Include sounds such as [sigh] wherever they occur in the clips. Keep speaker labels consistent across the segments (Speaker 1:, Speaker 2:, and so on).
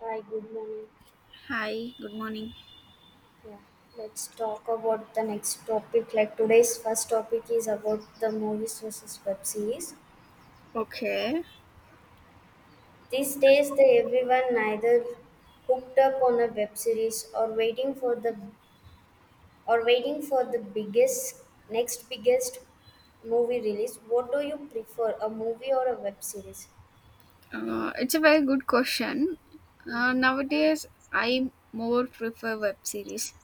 Speaker 1: Hi, good morning.
Speaker 2: Hi, good morning.
Speaker 1: Yeah, let's talk about the next topic. Like today's first topic is about the movies versus web series.
Speaker 2: Okay,
Speaker 1: These days, the everyone neither hooked up on a web series or waiting for the or waiting for the biggest next biggest movie release. What do you prefer, a movie or a web series?
Speaker 2: it's a very good question. Nowadays, I more prefer web series,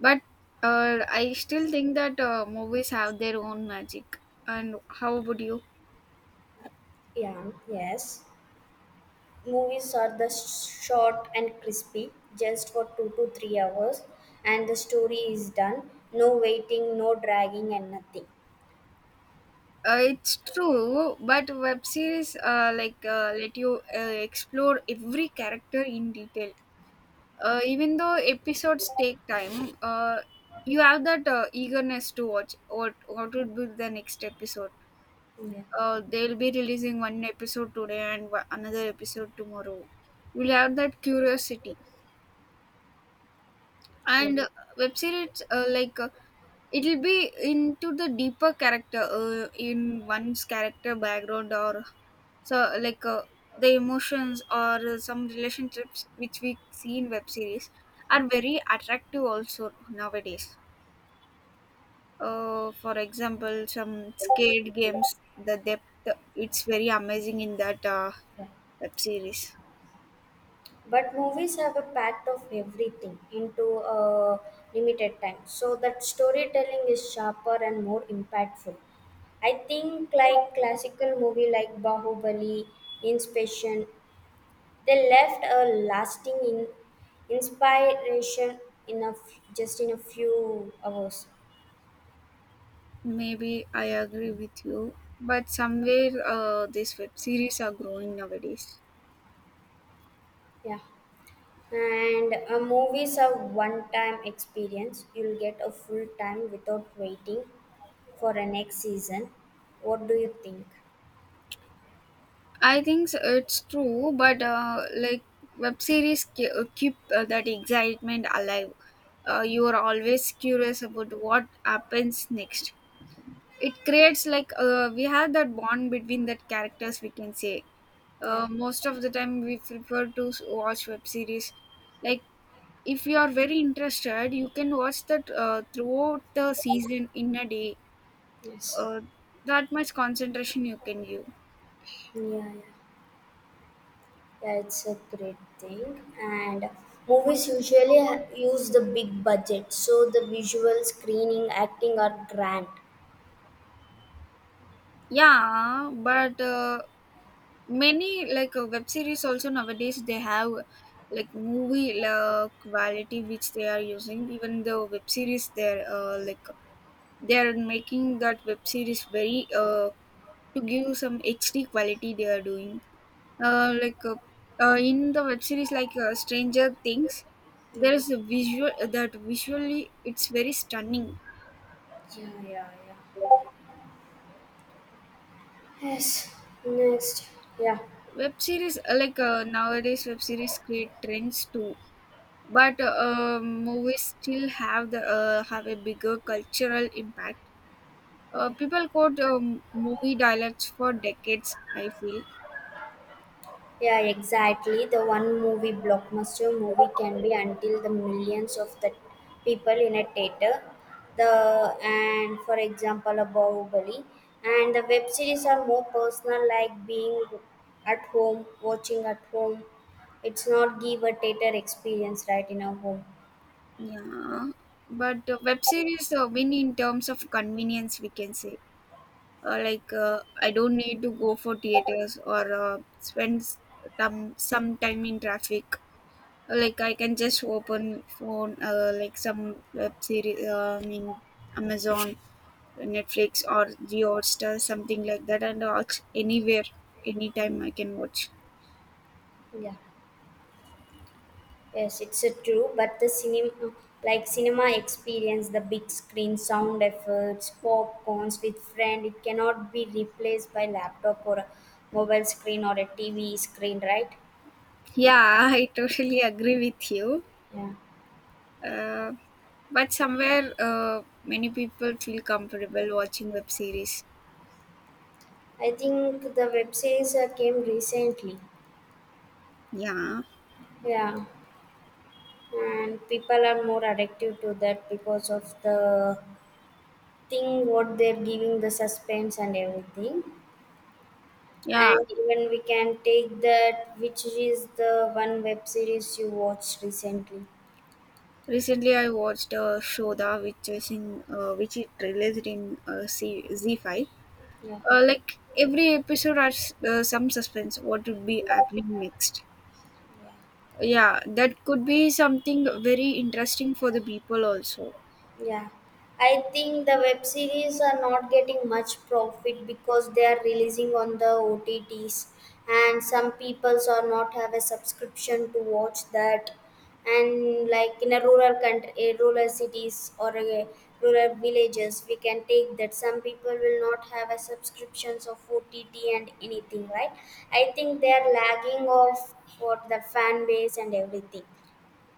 Speaker 2: but I still think that movies have their own magic. And how would you?
Speaker 1: Yeah, yes. Movies are the short and crispy, just for 2 to 3 hours, and the story is done. No waiting, no dragging, and nothing.
Speaker 2: It's true, but web series like let you explore every character in detail. Even though episodes take time, you have that eagerness to watch what would be the next episode.
Speaker 1: Yeah.
Speaker 2: They'll be releasing one episode today, and another episode tomorrow. We'll have that curiosity.
Speaker 1: Yeah,
Speaker 2: And web series, like, it'll be into the deeper character, in one's character background or so, like, the emotions or some relationships which we see in web series are very attractive also nowadays. For example, some skate games, the depth, it's very amazing in that. Uh,
Speaker 1: yeah.
Speaker 2: web series.
Speaker 1: But movies have a pact of everything into a limited time, so that storytelling is sharper and more impactful. I think like classical movie like Bahubali, Inspection. They left a inspiration in a just in a few hours.
Speaker 2: Maybe I agree with you, but somewhere these web series are growing nowadays.
Speaker 1: Yeah, and movies are one-time experience. You'll get a full time without waiting for a next season. What do you think?
Speaker 2: It's true, but like web series keep that excitement alive. You are always curious about what happens next. It creates, like, we have that bond between that characters. We can say
Speaker 1: Yeah.
Speaker 2: most of the time we prefer to watch web series. Like, if you are very interested you can watch that throughout the season in a day.
Speaker 1: Yes.
Speaker 2: Uh, that much concentration you can give.
Speaker 1: Yeah, yeah, yeah. It's a great thing. And movies usually use the big budget, so the visual, screening, acting are grand.
Speaker 2: Yeah, but many, like, web series also nowadays they have, like, movie quality which they are using. Even the web series they're like they're making that web series very to give some HD quality they are doing. Uh, like uh, in the web series, like, Stranger Things, there is a visual that visually it's very stunning.
Speaker 1: Yeah, yeah, yeah. Yes, next. Yeah.
Speaker 2: Web series, like, nowadays web series create trends too, but movies still have the have a bigger cultural impact. Uh,
Speaker 1: Yeah.
Speaker 2: people quote movie dialects for decades, I feel.
Speaker 1: Yeah, exactly. The one movie blockbuster movie can be until the millions of the people in a theater. The and for example a Bahubali and the web series are more personal like being at home, watching at home. It's not give a theater experience right in our home.
Speaker 2: Yeah, but web series win in terms of convenience, we can say. uh, like uh, I don't need to go for theaters or spend some time in traffic. Like, I can just open phone, like some web series, I mean Amazon, Netflix, or Geo Star, something like that, and watch anywhere, anytime I can watch.
Speaker 1: Yeah. Yes, it's a true, but like cinema experience, the big screen, sound efforts, popcorns with friend, it cannot be replaced by laptop or a mobile screen or a TV screen, right?
Speaker 2: Yeah. [laughs] I totally agree with you.
Speaker 1: Yeah,
Speaker 2: Uh, but somewhere many people feel comfortable watching web series.
Speaker 1: I think the web series came recently.
Speaker 2: Yeah,
Speaker 1: Yeah, and people are more addictive to that because of the thing what they're giving the suspense and everything.
Speaker 2: yeah.
Speaker 1: And even we can take that, which is the one web series you watched recently.
Speaker 2: Recently, I watched Shodha, which is in which it released in Z5.
Speaker 1: Yeah.
Speaker 2: Like every episode has some suspense. What would be happening next? Yeah, that could be something very interesting for the people also.
Speaker 1: Yeah, I think the web series are not getting much profit because they are releasing on the OTTs, and some peoples are not have a subscription to watch that. And like in a rural country, a rural cities or a rural villages, we can take that. Some people will not have a subscriptions of OTT and anything, right? I think they are lagging off for the fan base and everything.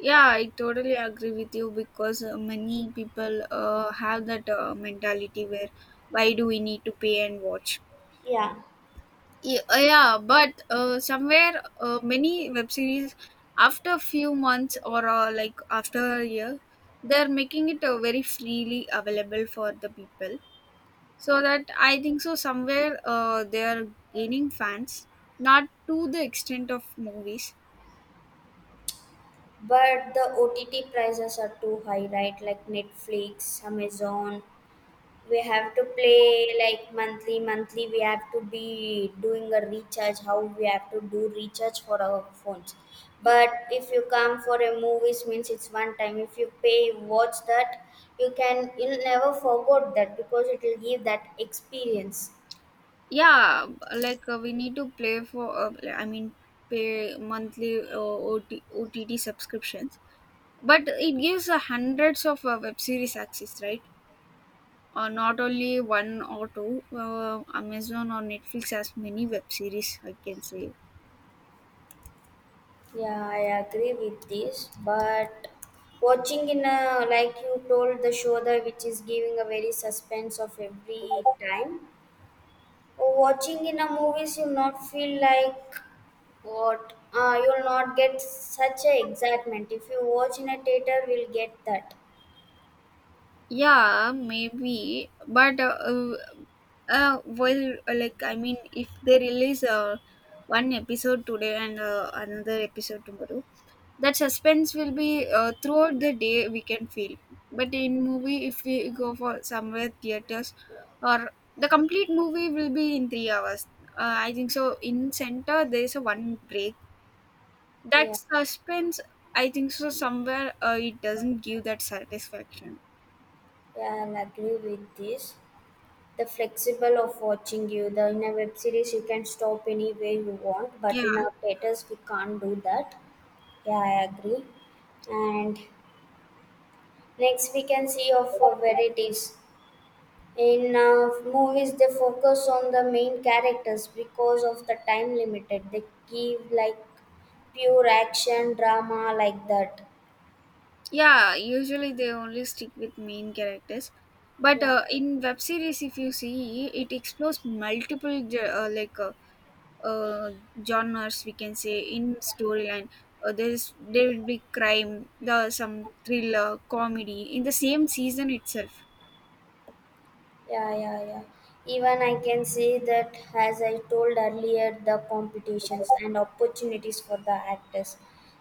Speaker 2: Yeah, I totally agree with you, because many people have that mentality where why do we need to pay and watch?
Speaker 1: Yeah.
Speaker 2: Yeah, but somewhere many web series after a few months or like after a year, they're making it very freely available for the people, so that I think so somewhere they are gaining fans, not to the extent of movies.
Speaker 1: But the OTT prices are too high, right? Like Netflix, Amazon. We have to play like monthly, monthly. We have to be doing a recharge. How we have to do recharge for our phones.
Speaker 2: Y-
Speaker 1: But if you come for a movies, means it's one time. If you pay, watch that, you'll never forget that because it will give that experience.
Speaker 2: yeah, like, we need to play for pay monthly OT subscriptions, but it gives hundreds of web series access, right? Not only one or two. Amazon or Netflix has many web series, I can say.
Speaker 1: Yeah, I agree with this. But watching in a like you told the show that which is giving a very suspense of every time. Or watching in a movies you not feel like what you'll not get such a excitement. If you watch in a theater we'll get that.
Speaker 2: Yeah, maybe, but well, like, I mean, if they release one episode today and another episode tomorrow, that suspense will be throughout the day we can feel. But in movie, if we go for somewhere theaters, or the complete movie will be in 3 hours, I think so, in center there is a one break. That
Speaker 1: Yeah,
Speaker 2: suspense, I think so, somewhere, it doesn't give that satisfaction.
Speaker 1: yeah, I'll agree with this. The flexible of watching you, the in a web series you can stop anywhere you want,
Speaker 2: Yeah,
Speaker 1: but in our theaters we can't do that. Yeah, I agree. And next, we can see of varieties. In movies, they focus on the main characters because of the time limited. They give like pure action drama like that.
Speaker 2: yeah. Usually, they only stick with main characters, but
Speaker 1: Yeah.
Speaker 2: in web series, if you see, it explores multiple uh, genres, we can say. In storyline, there will be crime, the some thriller, comedy in the same season itself.
Speaker 1: Yeah, yeah, yeah. Even I can say that, as I told earlier, the competitions and opportunities for the actors.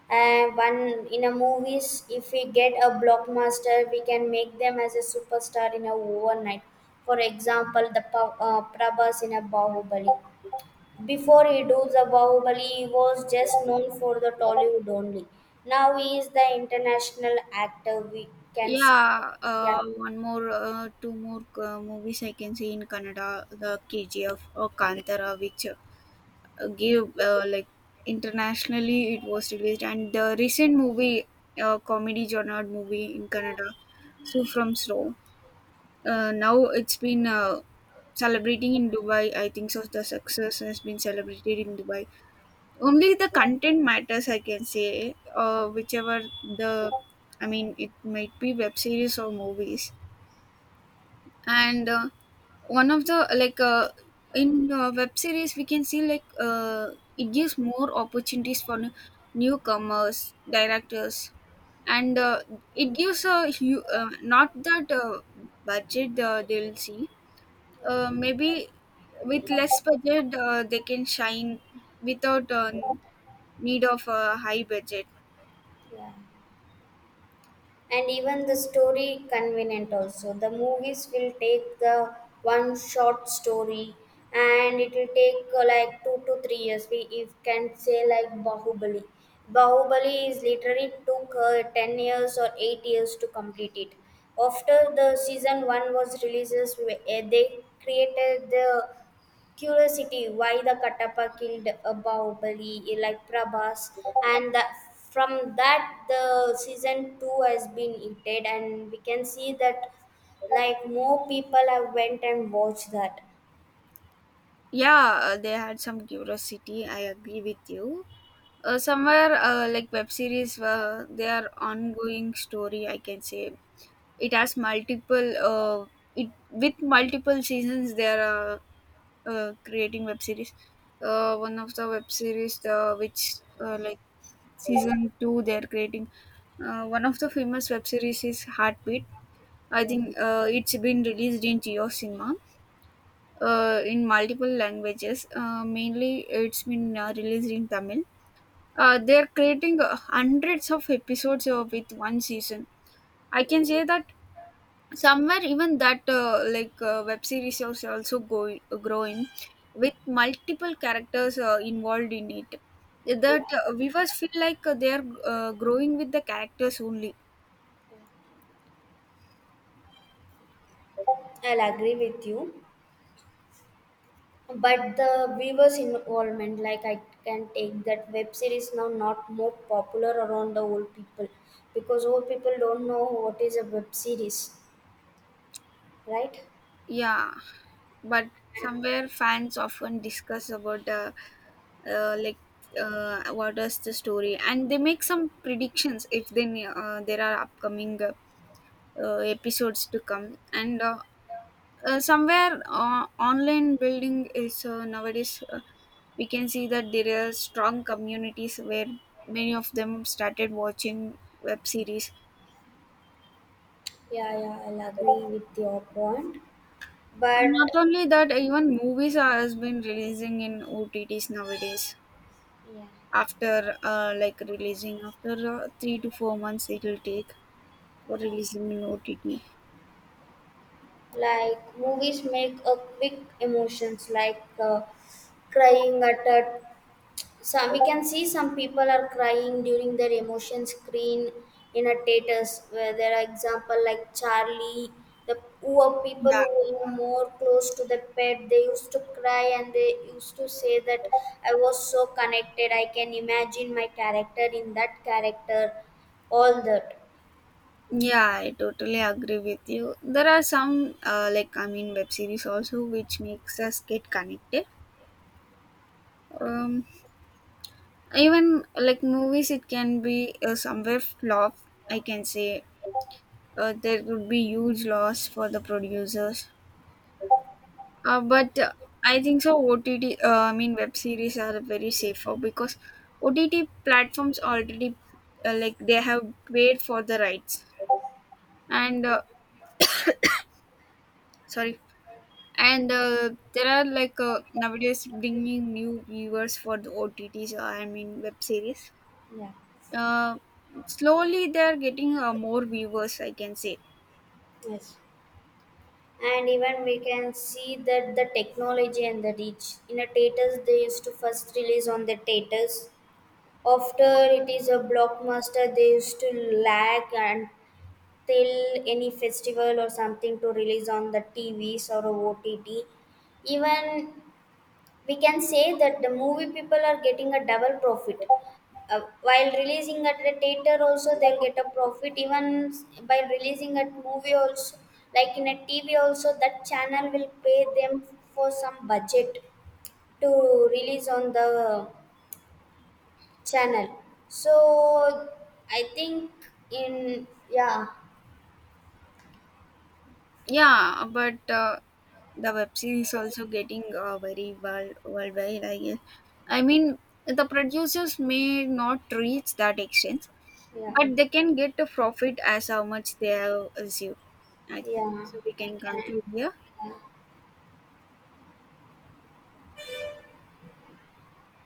Speaker 1: And one in a movies, if we get a blockbuster, we can make them as a superstar in a overnight. For example, the Prabhas in a Bahubali. Before he does the Bahubali, he was just known for the Tollywood only. Now he is the international actor. We can see.
Speaker 2: Yeah,
Speaker 1: Yeah,
Speaker 2: two more movies I can see in Canada, the KGF or Kantara, which give like internationally it was released, and the recent movie, comedy genre movie in Canada, So From Snow. Now it's been celebrating in Dubai, I think so. The success has been celebrated in Dubai. Only the content matters, I can say. Whichever the, I mean, it might be web series or movies. And one of the like in web series we can see, like, it gives more opportunities for newcomers, directors. And it gives a not that budget they'll see. Maybe with less budget they can shine without need of a high budget.
Speaker 1: yeah. And even the story convenient also the movies will take the one short story, and it will take like 2 to 3 years we if can say like Bahubali. Bahubali is literally took 10 years or 8 years to complete it. After the season 1 was releases, they created the curiosity why the Katappa killed a Bahubali like Prabhas, and that from that the season two has been heated, and we can see that like more people have went and watched that.
Speaker 2: Yeah, they had some curiosity, I agree with you. Somewhere, like, web series, they are ongoing story, I can say. It has multiple, it with multiple seasons, they are creating web series. One of the web series, the which, like, season two, they are creating. One of the famous web series is Heartbeat. I
Speaker 1: Yeah.
Speaker 2: think it's been released in Geo Cinema in multiple languages. Mainly, it's been released in Tamil. They're creating hundreds of episodes with one season, I can say, that somewhere even that like web series is also growing with multiple characters involved in it.
Speaker 1: It,
Speaker 2: That viewers feel like they're growing with the characters only.
Speaker 1: I'll agree with you. But the viewers' involvement, like I can take that web series now not more popular around the old people because old people don't know what is a web series, right?
Speaker 2: Yeah, but somewhere fans often discuss about like, what is the story, and they make some predictions if then there are upcoming episodes to come, and somewhere online building is nowadays, we can see that there are strong communities where many of them started watching web series.
Speaker 1: Yeah, yeah, I'll agree with your point.
Speaker 2: And not
Speaker 1: But
Speaker 2: only that, even movies are, has been releasing in OTTs nowadays,
Speaker 1: yeah,
Speaker 2: after like releasing after 3 to 4 months it will take for
Speaker 1: yeah,
Speaker 2: releasing in OTT.
Speaker 1: like movies make a quick emotions like crying at a some we can see some people are crying during their emotion screen in a theaters where there are example like Charlie. The who are people
Speaker 2: Yeah.
Speaker 1: who were more close to the pet they used to cry and they used to say that I was so connected, I can imagine my character in that character all that.
Speaker 2: Yeah, I totally agree with you. There are some, like, I mean, web series also which makes us get connected. Um, even like movies, it can be somewhere flop, I can say. There would be huge loss for the producers. But I think so. OTT, I mean, web series are very safer because OTT platforms already like they have paid for the rights. And sorry, and there are, like, nowadays bringing new viewers for the OTTs. I mean web series.
Speaker 1: Yeah.
Speaker 2: Uh, slowly they are getting more viewers, I can say.
Speaker 1: Yes. And even we can see that the technology and the reach. In a theaters, they used to first release on the theaters. After it is a blockbuster, they used to lag until any festival or something to release on the TVs or a OTT. Even we can say that the movie people are getting a double profit. While releasing at the theater also they'll get a profit even by releasing at movie also, like in a TV also that channel will pay them for some budget to release on the channel. So I think in yeah,
Speaker 2: Yeah, but the web series also getting very well worldwide, I guess. I mean, the producers may not reach that extent,
Speaker 1: yeah,
Speaker 2: but they can get a profit as how much they have received. I think
Speaker 1: yeah,
Speaker 2: so, we
Speaker 1: I
Speaker 2: can
Speaker 1: can
Speaker 2: conclude here.
Speaker 1: yeah.